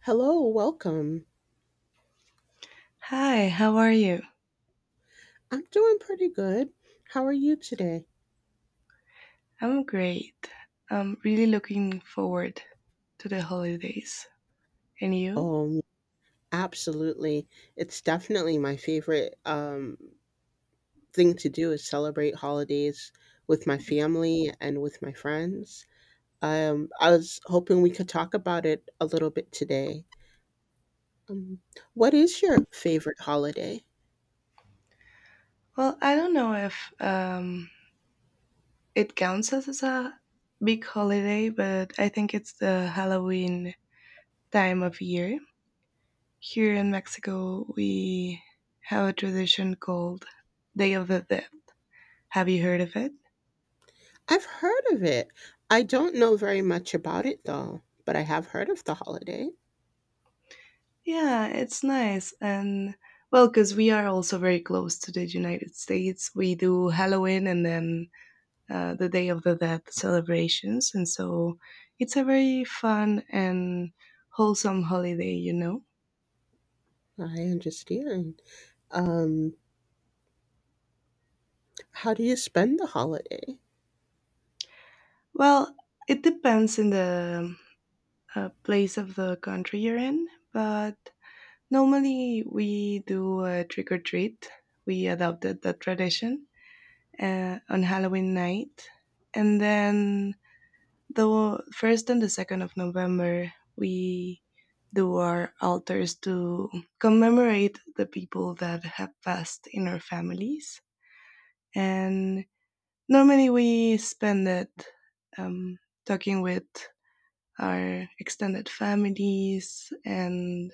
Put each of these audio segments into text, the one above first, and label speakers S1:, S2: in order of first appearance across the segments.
S1: Hello, welcome.
S2: Hi, how are you?
S1: I'm doing pretty good. How are you today?
S2: I'm great. I'm really looking forward to the holidays. And you?
S1: Um, Absolutely. It's definitely my favorite thing to do is celebrate holidays with my family and with my friends. I was hoping we could talk about it a little bit today. Um, what is your favorite holiday?
S2: Well, I don't know if it counts as a big holiday, but I think it's the Halloween time of year. Here in Mexico, we have a tradition called Day of the Dead. Have you heard of it?
S1: I've heard of it. I don't know very much about it though, but I have heard of the holiday.
S2: Yeah, it's nice. And well, because we are also very close to the United States, we do Halloween and then the Day of the Dead celebrations. And so it's a very fun and wholesome holiday, you know?
S1: I understand. Um, How do you spend the holiday?
S2: Well, it depends in the place of the country you're in, but normally we do a trick or treat. We adopted that tradition on Halloween night. And then the first and the second of November, we do our altars to commemorate the people that have passed in our families. And normally we spend it um, talking with our extended families and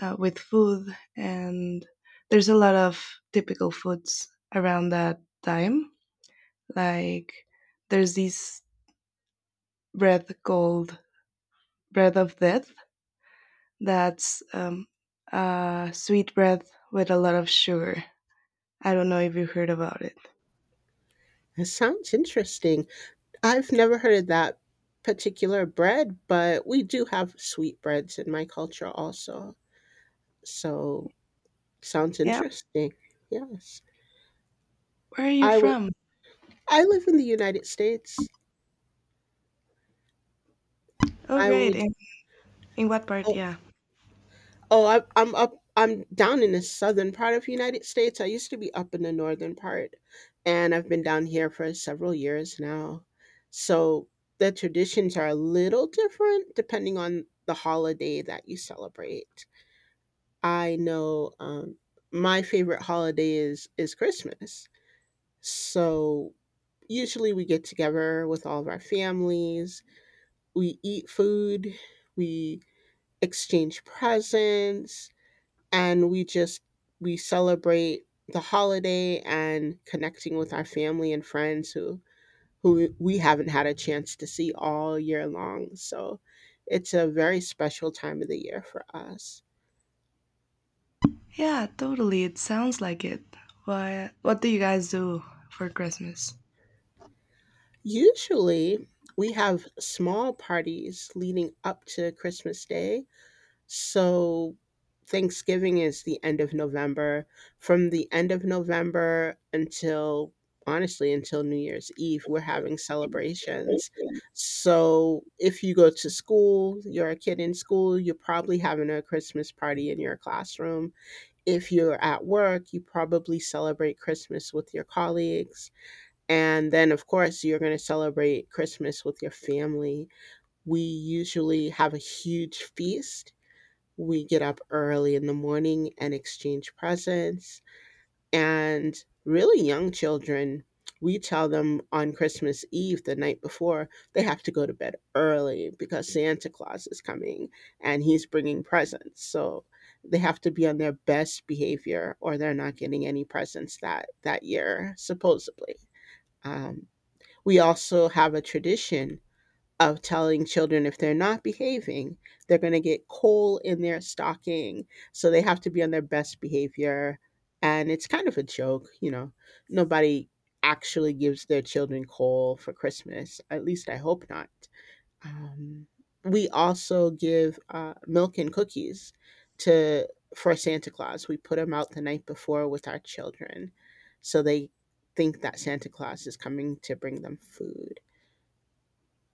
S2: with food. And there's a lot of typical foods around that time. Like there's this bread called bread of death. That's sweet bread with a lot of sugar. I don't know if you heard about it.
S1: That sounds interesting. I've never heard of that particular bread, but we do have sweetbreads in my culture also. So sounds
S2: Yeah,
S1: interesting. Yes.
S2: where are you
S1: I would
S2: from?
S1: I live in the United States.
S2: Oh,
S1: I
S2: great.
S1: would
S2: In what part?
S1: oh,
S2: Yeah.
S1: Oh, I, I'm up. I'm down in the southern part of the United States. I used to be up in the northern part, and I've been down here for several years now. So the traditions are a little different depending on the holiday that you celebrate. I know my favorite holiday is Christmas. So usually we get together with all of our families. We eat food. We exchange presents and we just we celebrate the holiday and connecting with our family and friends who we haven't had a chance to see all year long. So it's a very special time of the year for us.
S2: Yeah, totally. It sounds like it. What do you guys do for Christmas?
S1: Usually, we have small parties leading up to Christmas Day. So Thanksgiving is the end of November. From the end of November until honestly until New Year's Eve, we're having celebrations. So if you go to school, you're a kid in school, you're probably having a Christmas party in your classroom. If you're at work, you probably celebrate Christmas with your colleagues. And then, of course, you're going to celebrate Christmas with your family. We usually have a huge feast. We get up early in the morning and exchange presents. And really young children, we tell them on Christmas Eve, the night before, they have to go to bed early because Santa Claus is coming and he's bringing presents. So they have to be on their best behavior or they're not getting any presents that year, supposedly. Um, we also have a tradition of telling children if they're not behaving, they're going to get coal in their stocking. So they have to be on their best behavior. And it's kind of a joke. Nobody actually gives their children coal for Christmas. At least I hope not. Um, we also give milk and cookies to for Santa Claus. We put them out the night before with our children, so they think that Santa Claus is coming to bring them food.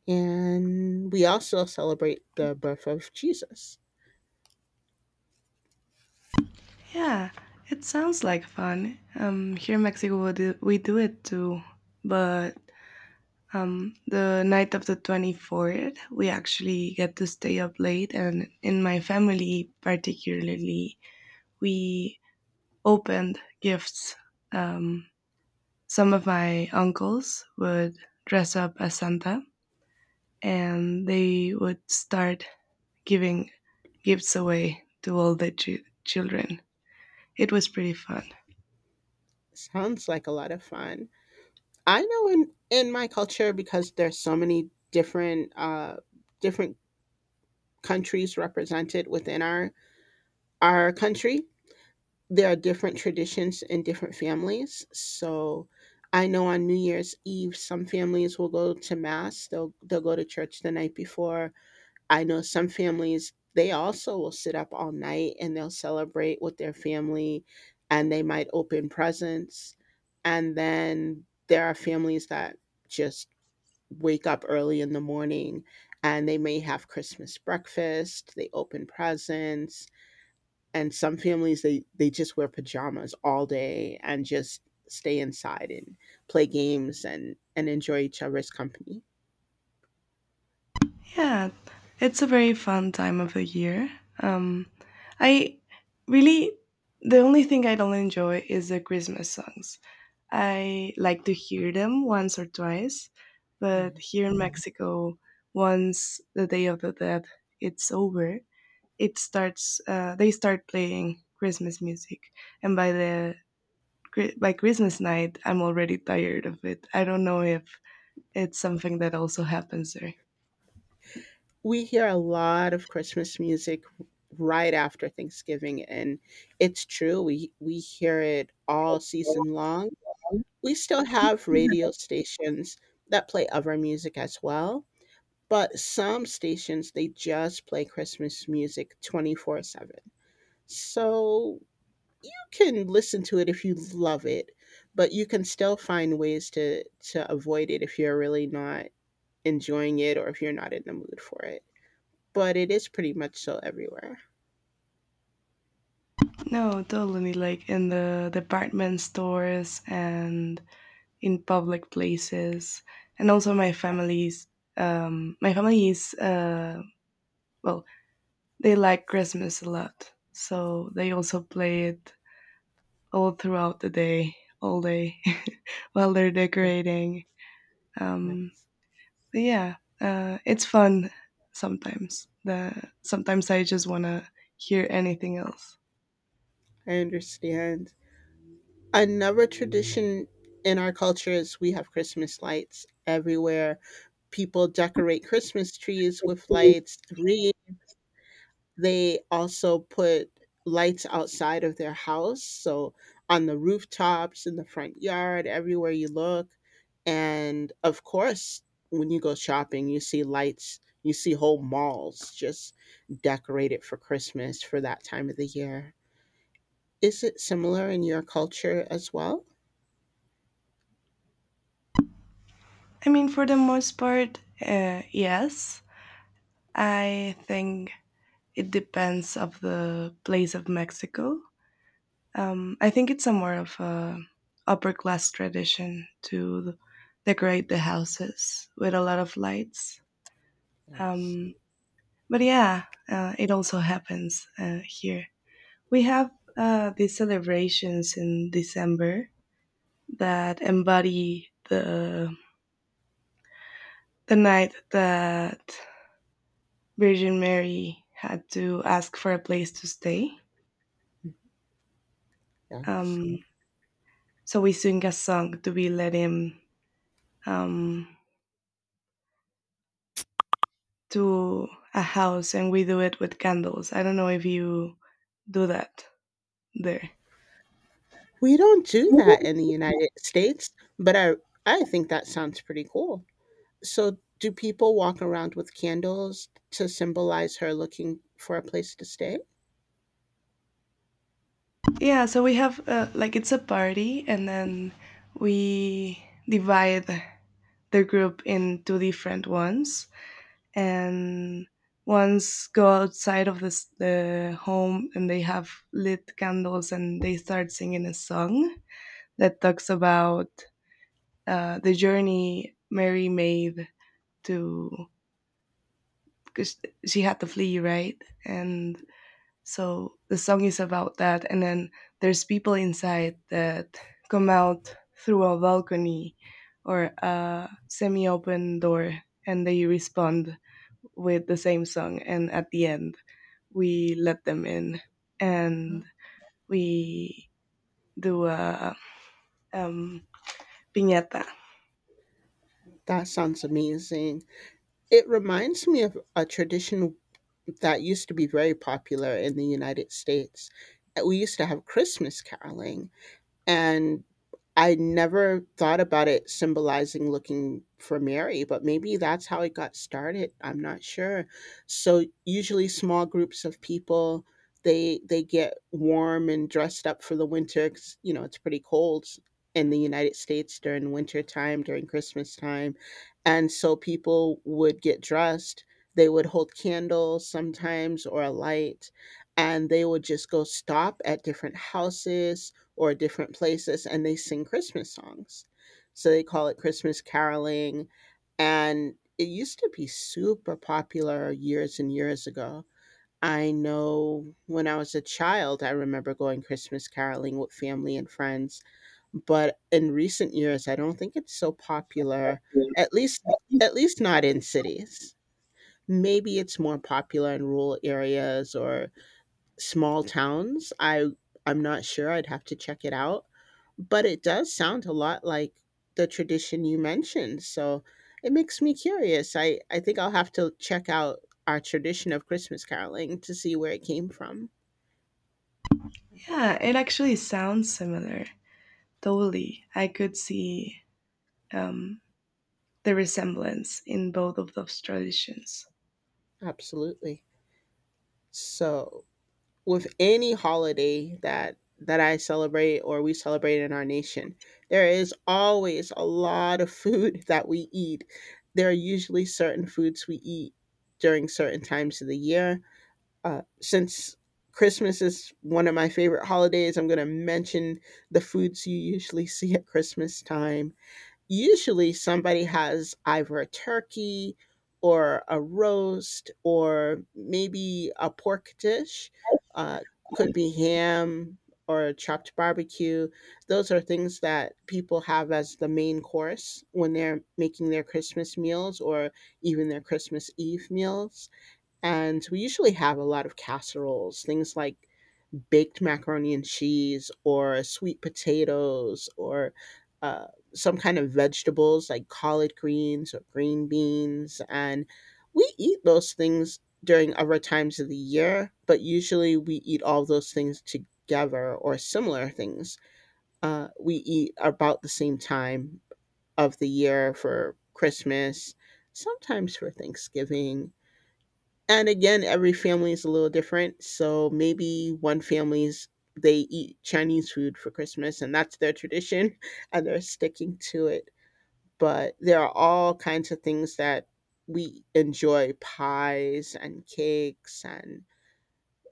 S1: And we also celebrate the birth of Jesus.
S2: Yeah, it sounds like fun. Here in Mexico, we do it too. But the night of the 24th, we actually get to stay up late. And in my family, particularly, we opened gifts. Um, some of my uncles would dress up as Santa and they would start giving gifts away to all the children. It was pretty fun.
S1: Sounds like a lot of fun. I know in my culture because there's so many different countries represented within our country. There are different traditions in different families. So I know on New Year's Eve, some families will go to mass. They'll go to church the night before. I know some families, they also will sit up all night and they'll celebrate with their family and they might open presents. And then there are families that just wake up early in the morning and they may have Christmas breakfast, they open presents, and some families they just wear pajamas all day and just stay inside and play games and enjoy each other's company.
S2: Yeah, it's a very fun time of the year. Um, I really, the only thing I don't enjoy is the Christmas songs. I like to hear them once or twice, but
S1: Yeah.
S2: here in Mexico, once the Day of the Dead it's over, it starts. They start playing Christmas music, and by the Chri- by Christmas night, I'm already tired of it. I don't know if it's something that also happens there.
S1: We hear a lot of Christmas music right after Thanksgiving, and it's true. We hear it all season long. We still have radio stations that play other music as well, but some stations they just play Christmas music 24/7. So you can listen to it if you love it, but you can still find ways to avoid it if you're really not enjoying it or if you're not in the mood for it but it is pretty much so everywhere.
S2: No, totally. Like in the department stores and in public places, and also my family is well, they like Christmas a lot, so they also play it all throughout the day, all day, while they're
S1: Yeah,
S2: decorating. Um,
S1: yes,
S2: but yeah, it's fun sometimes. The sometimes I just wanna hear anything else.
S1: I understand. Another tradition in our culture is we have Christmas lights everywhere. People decorate Christmas trees with
S2: Yes.
S1: lights, wreaths. They also put lights outside of their house, so on the rooftops, in the front yard, everywhere you look, and of course, when you go shopping, you see lights, you see whole malls just decorated for Christmas for that time of the year. Is it similar in your culture as well?
S2: I mean, for the most part, yes. I think it depends of the place of Mexico. I think it's a more of a upper class tradition to decorate the houses with a lot of lights.
S1: Yes.
S2: Um, but yeah, it also happens here. We have these celebrations in December that embody the night that Virgin Mary had to ask for a place to stay.
S1: Yes.
S2: Um, so we sing a song to be let in. Um, to a house, and we do it with candles. I don't know if you do that there.
S1: We don't do that in the United States, but I think that sounds pretty cool. So, do people walk around with candles to symbolize her looking for a place to stay?
S2: Yeah, so we have like, it's a party, and then we divide the group in two different ones, and ones go outside of the home, and they have lit candles, and they start singing a song that talks about the journey Mary made, to because she had to flee, right? And so the song is about that. And then there's people inside that come out through a balcony or a semi open door, and they respond with the same song. And at the end, we let them in, and we do a um, piñata.
S1: That sounds amazing. It reminds me of a tradition that used to be very popular in the United States. We used to have Christmas caroling, and I never thought about it symbolizing looking for Mary, but maybe that's how it got started. I'm not sure. So usually small groups of people, they get warm and dressed up for the winter 'cause, you know, it's pretty cold in the United States during winter time, during Christmas time. And so people would get dressed. They would hold candles sometimes or a light, and they would just go stop at different houses or different places and they sing Christmas songs. So they call it Christmas caroling. And it used to be super popular years and years ago. I know when I was a child, I remember going Christmas caroling with family and friends. But in recent years, I don't think it's so popular, at least at least not in cities. Maybe it's more popular in rural areas or small towns. I'm not sure. I'd have to check it out but it does sound a lot like the tradition you mentioned, so it makes me curious. I think I'll have to check out our tradition of Christmas caroling to see where it came from.
S2: Yeah, it actually sounds similar. Totally. I could see um, the resemblance in both of those traditions.
S1: Absolutely. So, with any holiday that I celebrate or we celebrate in our nation, there is always a lot of food that we eat. There are usually certain foods we eat during certain times of the year. Since Christmas is one of my favorite holidays, I'm going to mention the foods you usually see at Christmas time. Usually, somebody has either a turkey or a roast or maybe a pork dish. Uh, could be ham or chopped barbecue. Those are things that people have as the main course when they're making their Christmas meals or even their Christmas Eve meals. And we usually have a lot of casseroles, things like baked macaroni and cheese or sweet potatoes or uh, some kind of vegetables like collard greens or green beans. And we eat those things during other times of the year, but usually we eat all those things together or similar things. We eat about the same time of the year for Christmas, sometimes for Thanksgiving and again, every family is a little different. So maybe one family's they eat Chinese food for Christmas and that's their tradition and they're sticking to it. But there are all kinds of things that we enjoy pies and cakes and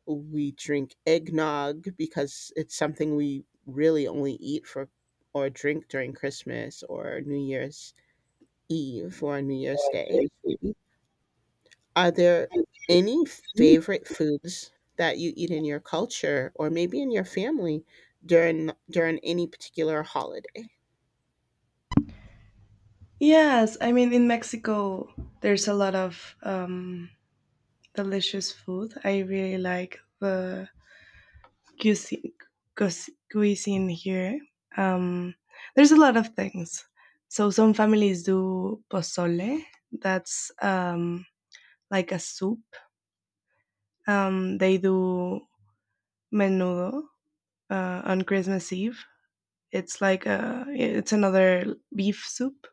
S1: we drink eggnog because it's something we really only eat for or drink during Christmas or New Year's Eve or New Year's Day. Are there any favorite foods that you eat in your culture or maybe in your family during any particular holiday?
S2: Yes, I mean in Mexico there's a lot of delicious food. I really like the cuisine, cuisine here. Um, there's a lot of things. So some families do pozole. That's like a soup. They do menudo on Christmas Eve. It's like a it's another beef soup.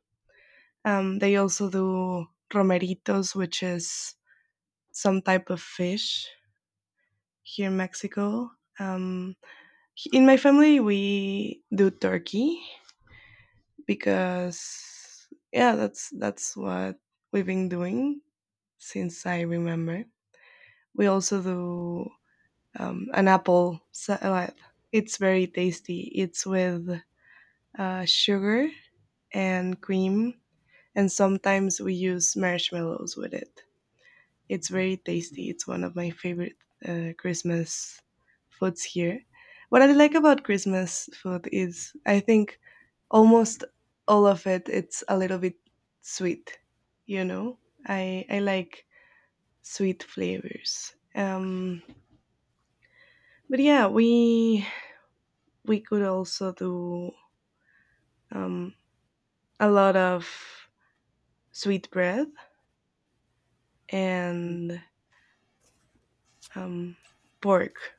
S2: They also do romeritos, which is some type of fish here in Mexico. Um, in my family, we do turkey because yeah, that's what we've been doing since I remember. We also do an apple salad. It's very tasty. It's with sugar and cream, and sometimes we use marshmallows with it. It's very tasty. It's one of my favorite Christmas foods here. What I like about Christmas food is I think almost all of it it's a little bit sweet, you know. I like sweet flavors. But yeah, we could also do um a lot of sweet bread and um pork.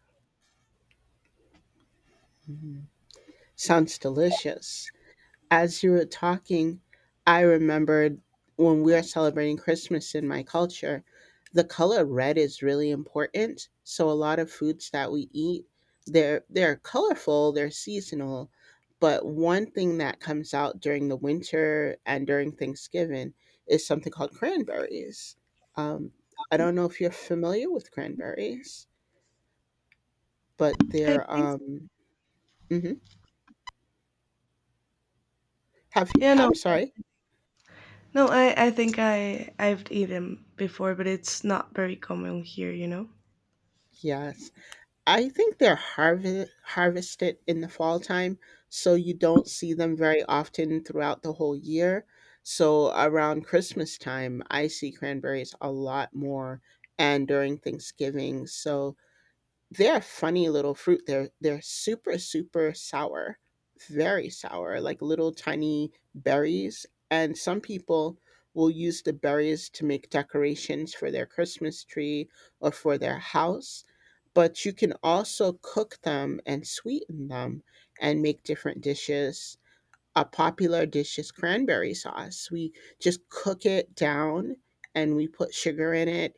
S1: Mhm. Sounds delicious. As you were talking, I remembered when we are celebrating Christmas in my culture, the color red is really important. So a lot of foods that we eat, they're colorful, they're seasonal, but one thing that comes out during the winter and during Thanksgiving is something called cranberries. Um, I don't know if you're familiar with cranberries, but
S2: I
S1: they're
S2: think
S1: mhm. Have you,
S2: yeah, no,
S1: I'm sorry.
S2: no, I think I've eaten before, but it's not very common here.
S1: Yes. I think they're harvested in the fall time, so you don't see them very often throughout the whole year. So around Christmas time, I see cranberries a lot more, and during Thanksgiving. So they're a funny little fruit. They're super super sour, very sour, like little tiny berries. And some people will use the berries to make decorations for their Christmas tree or for their house. But you can also cook them and sweeten them and make different dishes. A popular dish is cranberry sauce. We just cook it down and we put sugar in it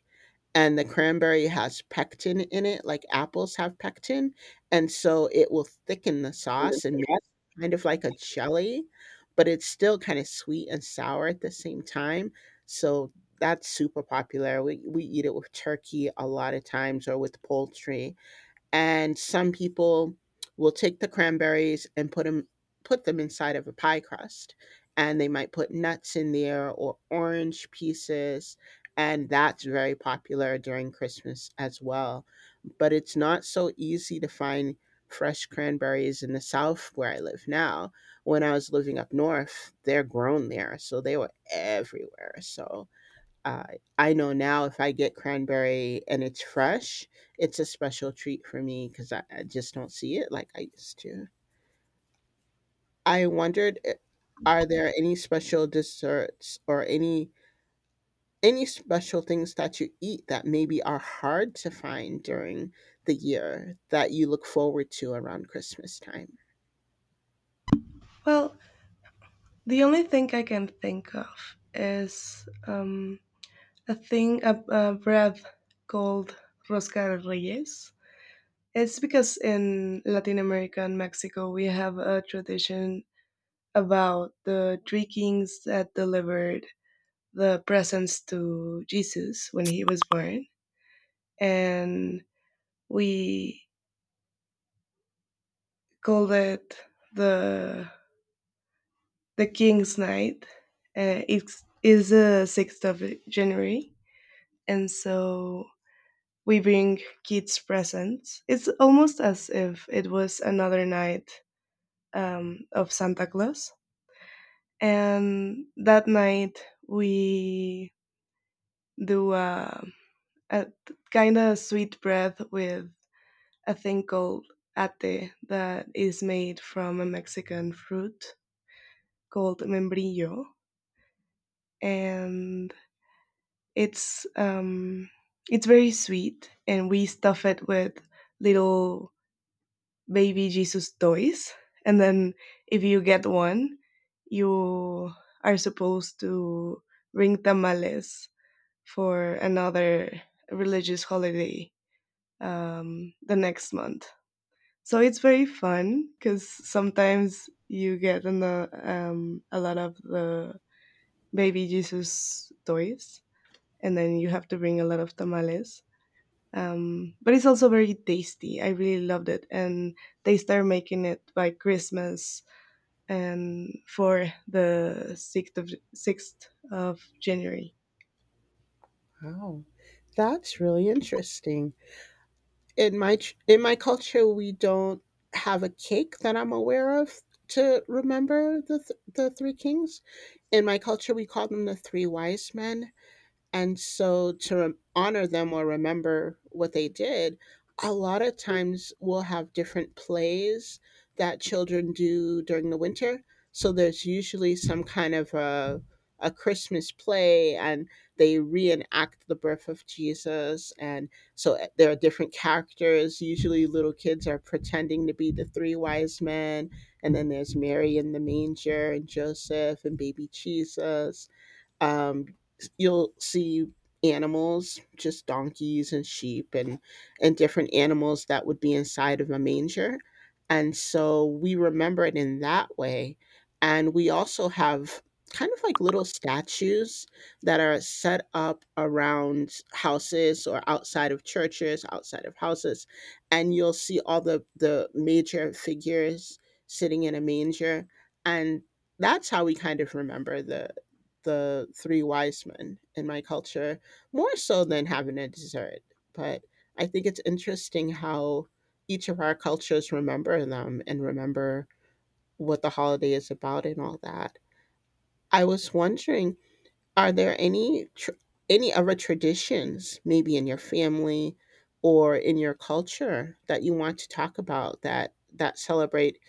S1: and the cranberry has pectin in it, like apples have pectin, and so it will thicken the sauce and make kind of like a jelly, but it's still kind of sweet and sour at the same time. So that's super popular. We eat it with turkey a lot of times, or with poultry, and some people will take the cranberries and put them inside of a pie crust, and they might put nuts in there or orange pieces. And that's very popular during Christmas as well, but it's not so easy to find fresh cranberries in the South where I live now. When I was living up north, they're grown there, so they were everywhere. So uh, I know now if I get cranberry and it's fresh, it's a special treat for me because I just don't see it like I used to. I wondered, are there any special desserts, or any special things that you eat that maybe are hard to find during the year, that you look forward to around Christmas time?
S2: Well, the only thing I can think of is a bread called rosca de reyes. It's because in Latin America and Mexico we have a tradition about the three kings that delivered the presents to Jesus when he was born, and we called it the the King's Night. It is the sixth of January, and so we bring kids presents. It's almost as if it was another night of Santa Claus, and that night we do a kind of sweet bread with a thing called ate that is made from a Mexican fruit called membrillo, and it's um it's very sweet, and we stuff it with little baby Jesus toys. And then if you get one you are supposed to bring tamales for another religious holiday the next month. So it's very fun because sometimes you get a lot of the baby Jesus toys, and then you have to bring a lot of tamales. But it's also very tasty. I really loved it, and they started making it by Christmas and for the sixth of January.
S1: Wow, that's really interesting. In my culture we don't have a cake that I'm aware of to remember the three kings. In my culture we call them the three wise men, and so to honor them or remember what they did, a lot of times we'll have different plays that children do during the winter. So there's usually some kind of a Christmas play, and they reenact the birth of Jesus. And so there are different characters. Usually little kids are pretending to be the three wise men, and then there's Mary in the manger, and Joseph, and baby Jesus. um, you'll see animals, just donkeys and sheep and different animals that would be inside of a manger, and so we remember it in that way. And we also have kind of like little statues that are set up around houses, or outside of churches, outside of houses, and you'll see all the major figures sitting in a manger. And that's how we kind of remember the three wise men in my culture, more so than having a dessert. But I think it's interesting how each of our cultures remember them and remember what the holiday is about and all that. I was wondering, are there any other traditions, maybe in your family or in your culture, that you want to talk about, that that celebrate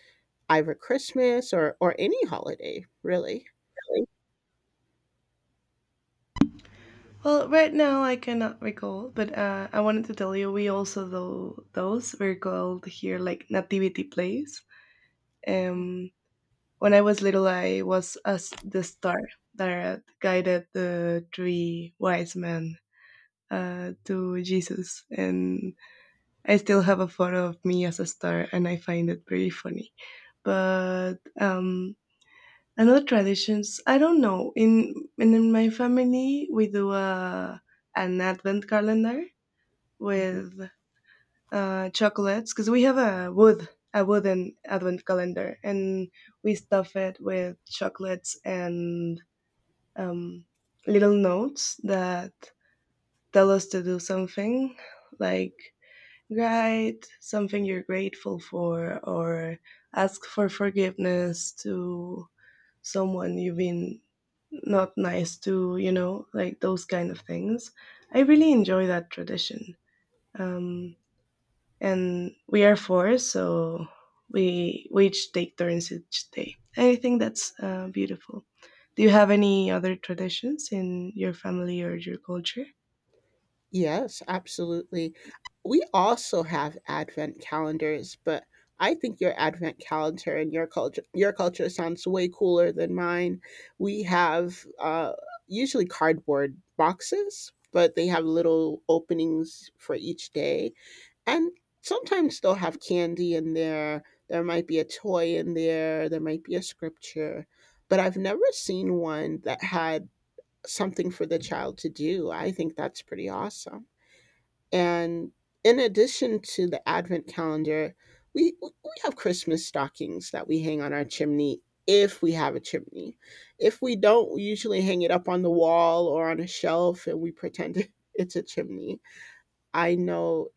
S1: either Christmas or any holiday, really?
S2: Well, right now I cannot recall, but I wanted to tell you, we also though, those were called here like nativity plays. Um, when I was little, I was as the star that guided the three wise men to Jesus. And I still have a photo of me as a star, and I find it very funny. But another traditions, I don't know. In my family, we do a an advent calendar with chocolates because we have a wooden advent calendar, and we stuff it with chocolates and um, little notes that tell us to do something, like, right, something you're grateful for, or ask for forgiveness to someone you've been not nice to, like those kind of things. I really enjoy that tradition. Um, and we are four, so we each take turns each day. I think that's beautiful. Do you have any other traditions in your family or your culture?
S1: Yes, absolutely. We also have advent calendars, but I think your advent calendar and your culture sounds way cooler than mine. We have usually cardboard boxes, but they have little openings for each day, and sometimes they'll have candy in there. There might be a toy in there. There might be a scripture, but I've never seen one that had something for the child to do. I think that's pretty awesome. And in addition to the Advent calendar, we have Christmas stockings that we hang on our chimney, if we have a chimney. If we don't, we usually hang it up on the wall or on a shelf and we pretend it's a chimney. I know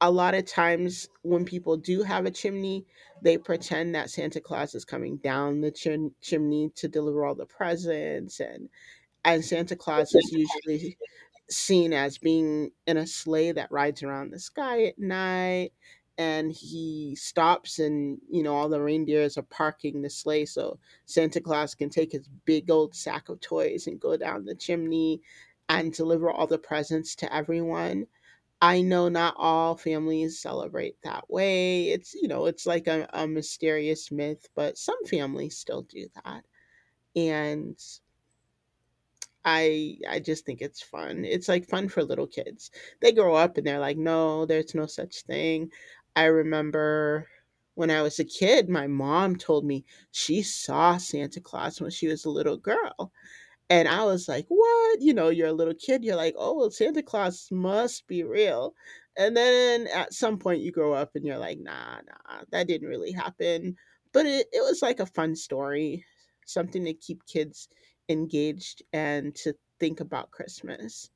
S1: a lot of times when people do have a chimney, they pretend that Santa Claus is coming down the chimney to deliver all the presents. And Santa Claus is usually seen as being in a sleigh that rides around the sky at night, and he stops, and you know, all the reindeers are parking the sleigh so Santa Claus can take his big old sack of toys and go down the chimney and deliver all the presents to everyone. I know not all families celebrate that way. It's, you know, it's like a mysterious myth, but some families still do that. And I just think it's fun. It's like fun for little kids. They grow up and they're like, "No, there's no such thing." I remember when I was a kid, my mom told me she saw Santa Claus when she was a little girl. And I was like, what? You know, you're a little kid. You're like, oh, well, Santa Claus must be real. And then at some point you grow up and you're like, nah, nah, that didn't really happen. But it was like a fun story, something to keep kids engaged and to think about Christmas.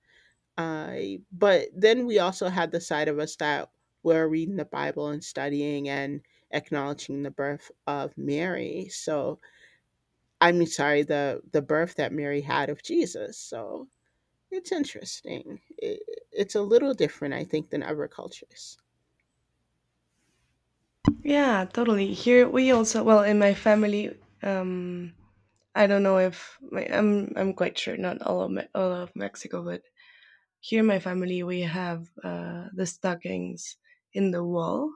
S1: I but then we also had the side of us that were reading the Bible and studying and acknowledging the birth of Mary. So I mean, sorry, the birth that Mary had of Jesus. So it's interesting. I it's a little different, I think, than other cultures.
S2: Yeah, totally. Here we also, well, in my family. I don't know if my, I'm quite sure not all of all of Mexico, but here in my family we have the stockings in the wall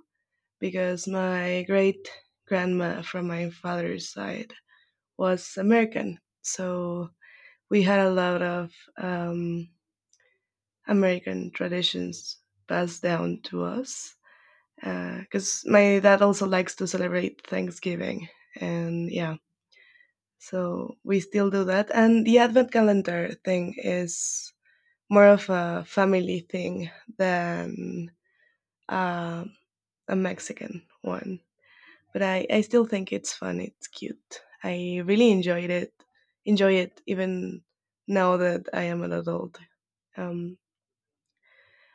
S2: because my great grandma from my father's side was American, so we had a lot of American traditions passed down to us because my dad also likes to celebrate Thanksgiving, and yeah, so we still do that. And the advent calendar thing is more of a family thing than uh, a Mexican one, but I still think it's fun. It's cute. I really enjoyed it. Enjoy it even now that I am an adult. Um,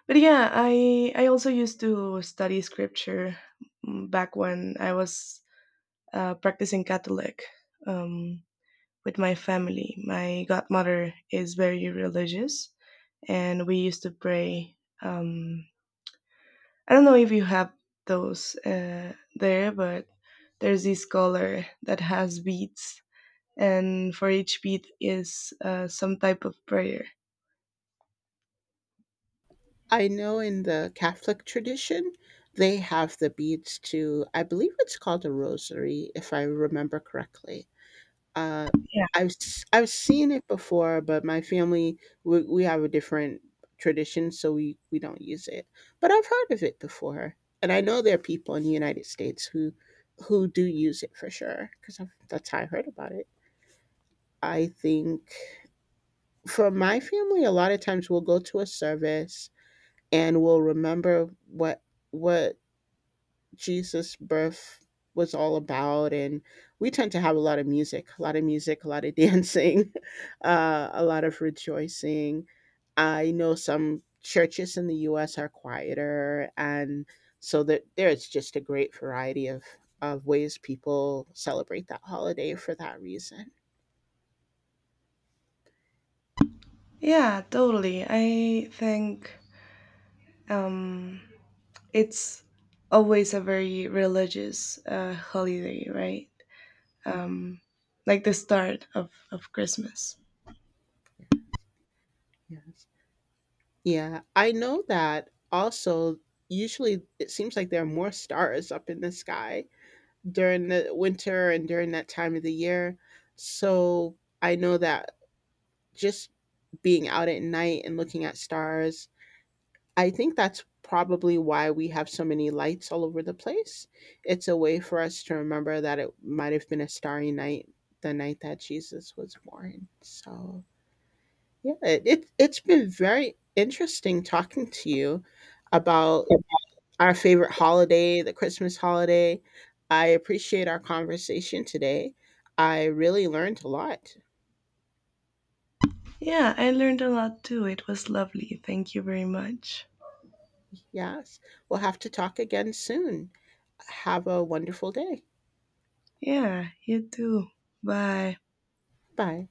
S2: but yeah, I also used to study scripture back when I was practicing Catholic um, with my family. My godmother is very religious, and we used to pray. Um, I don't know if you have those there, but there's this collar that has beads, and for each bead is some type of prayer.
S1: I know in the Catholic tradition, they have the beads to, I believe it's called a rosary, if I remember correctly. uh,
S2: Yeah,
S1: I've seen it before, but my family, we have a different tradition, so we don't use it. But I've heard of it before, and I know there are people in the United States who do use it for sure, because that's how I heard about it. I think for my family, a lot of times we'll go to a service and we'll remember what Jesus' birth was all about. And we tend to have a lot of music, a lot of music, a lot of dancing, a lot of rejoicing. I know some churches in the US are quieter. And so that there's just a great variety of ways people celebrate that holiday for that reason.
S2: yeah, totally. I think um, it's always a very religious holiday, right?
S1: Mm.
S2: um, like the start of Christmas.
S1: Yes. Yeah. I know that also, usually it seems like there are more stars up in the sky during the winter and during that time of the year. So I know that just being out at night and looking at stars, I think that's probably why we have so many lights all over the place. It's a way for us to remember that it might have been a starry night the night that Jesus was born. So yeah, it it's been very interesting talking to you about our favorite holiday, the Christmas holiday. I appreciate our conversation today. I really learned a lot.
S2: Yeah, I learned a lot too. It was lovely. Thank you very much.
S1: Yes. We'll have to talk again soon. Have a wonderful day.
S2: Yeah, you too. Bye.
S1: Bye.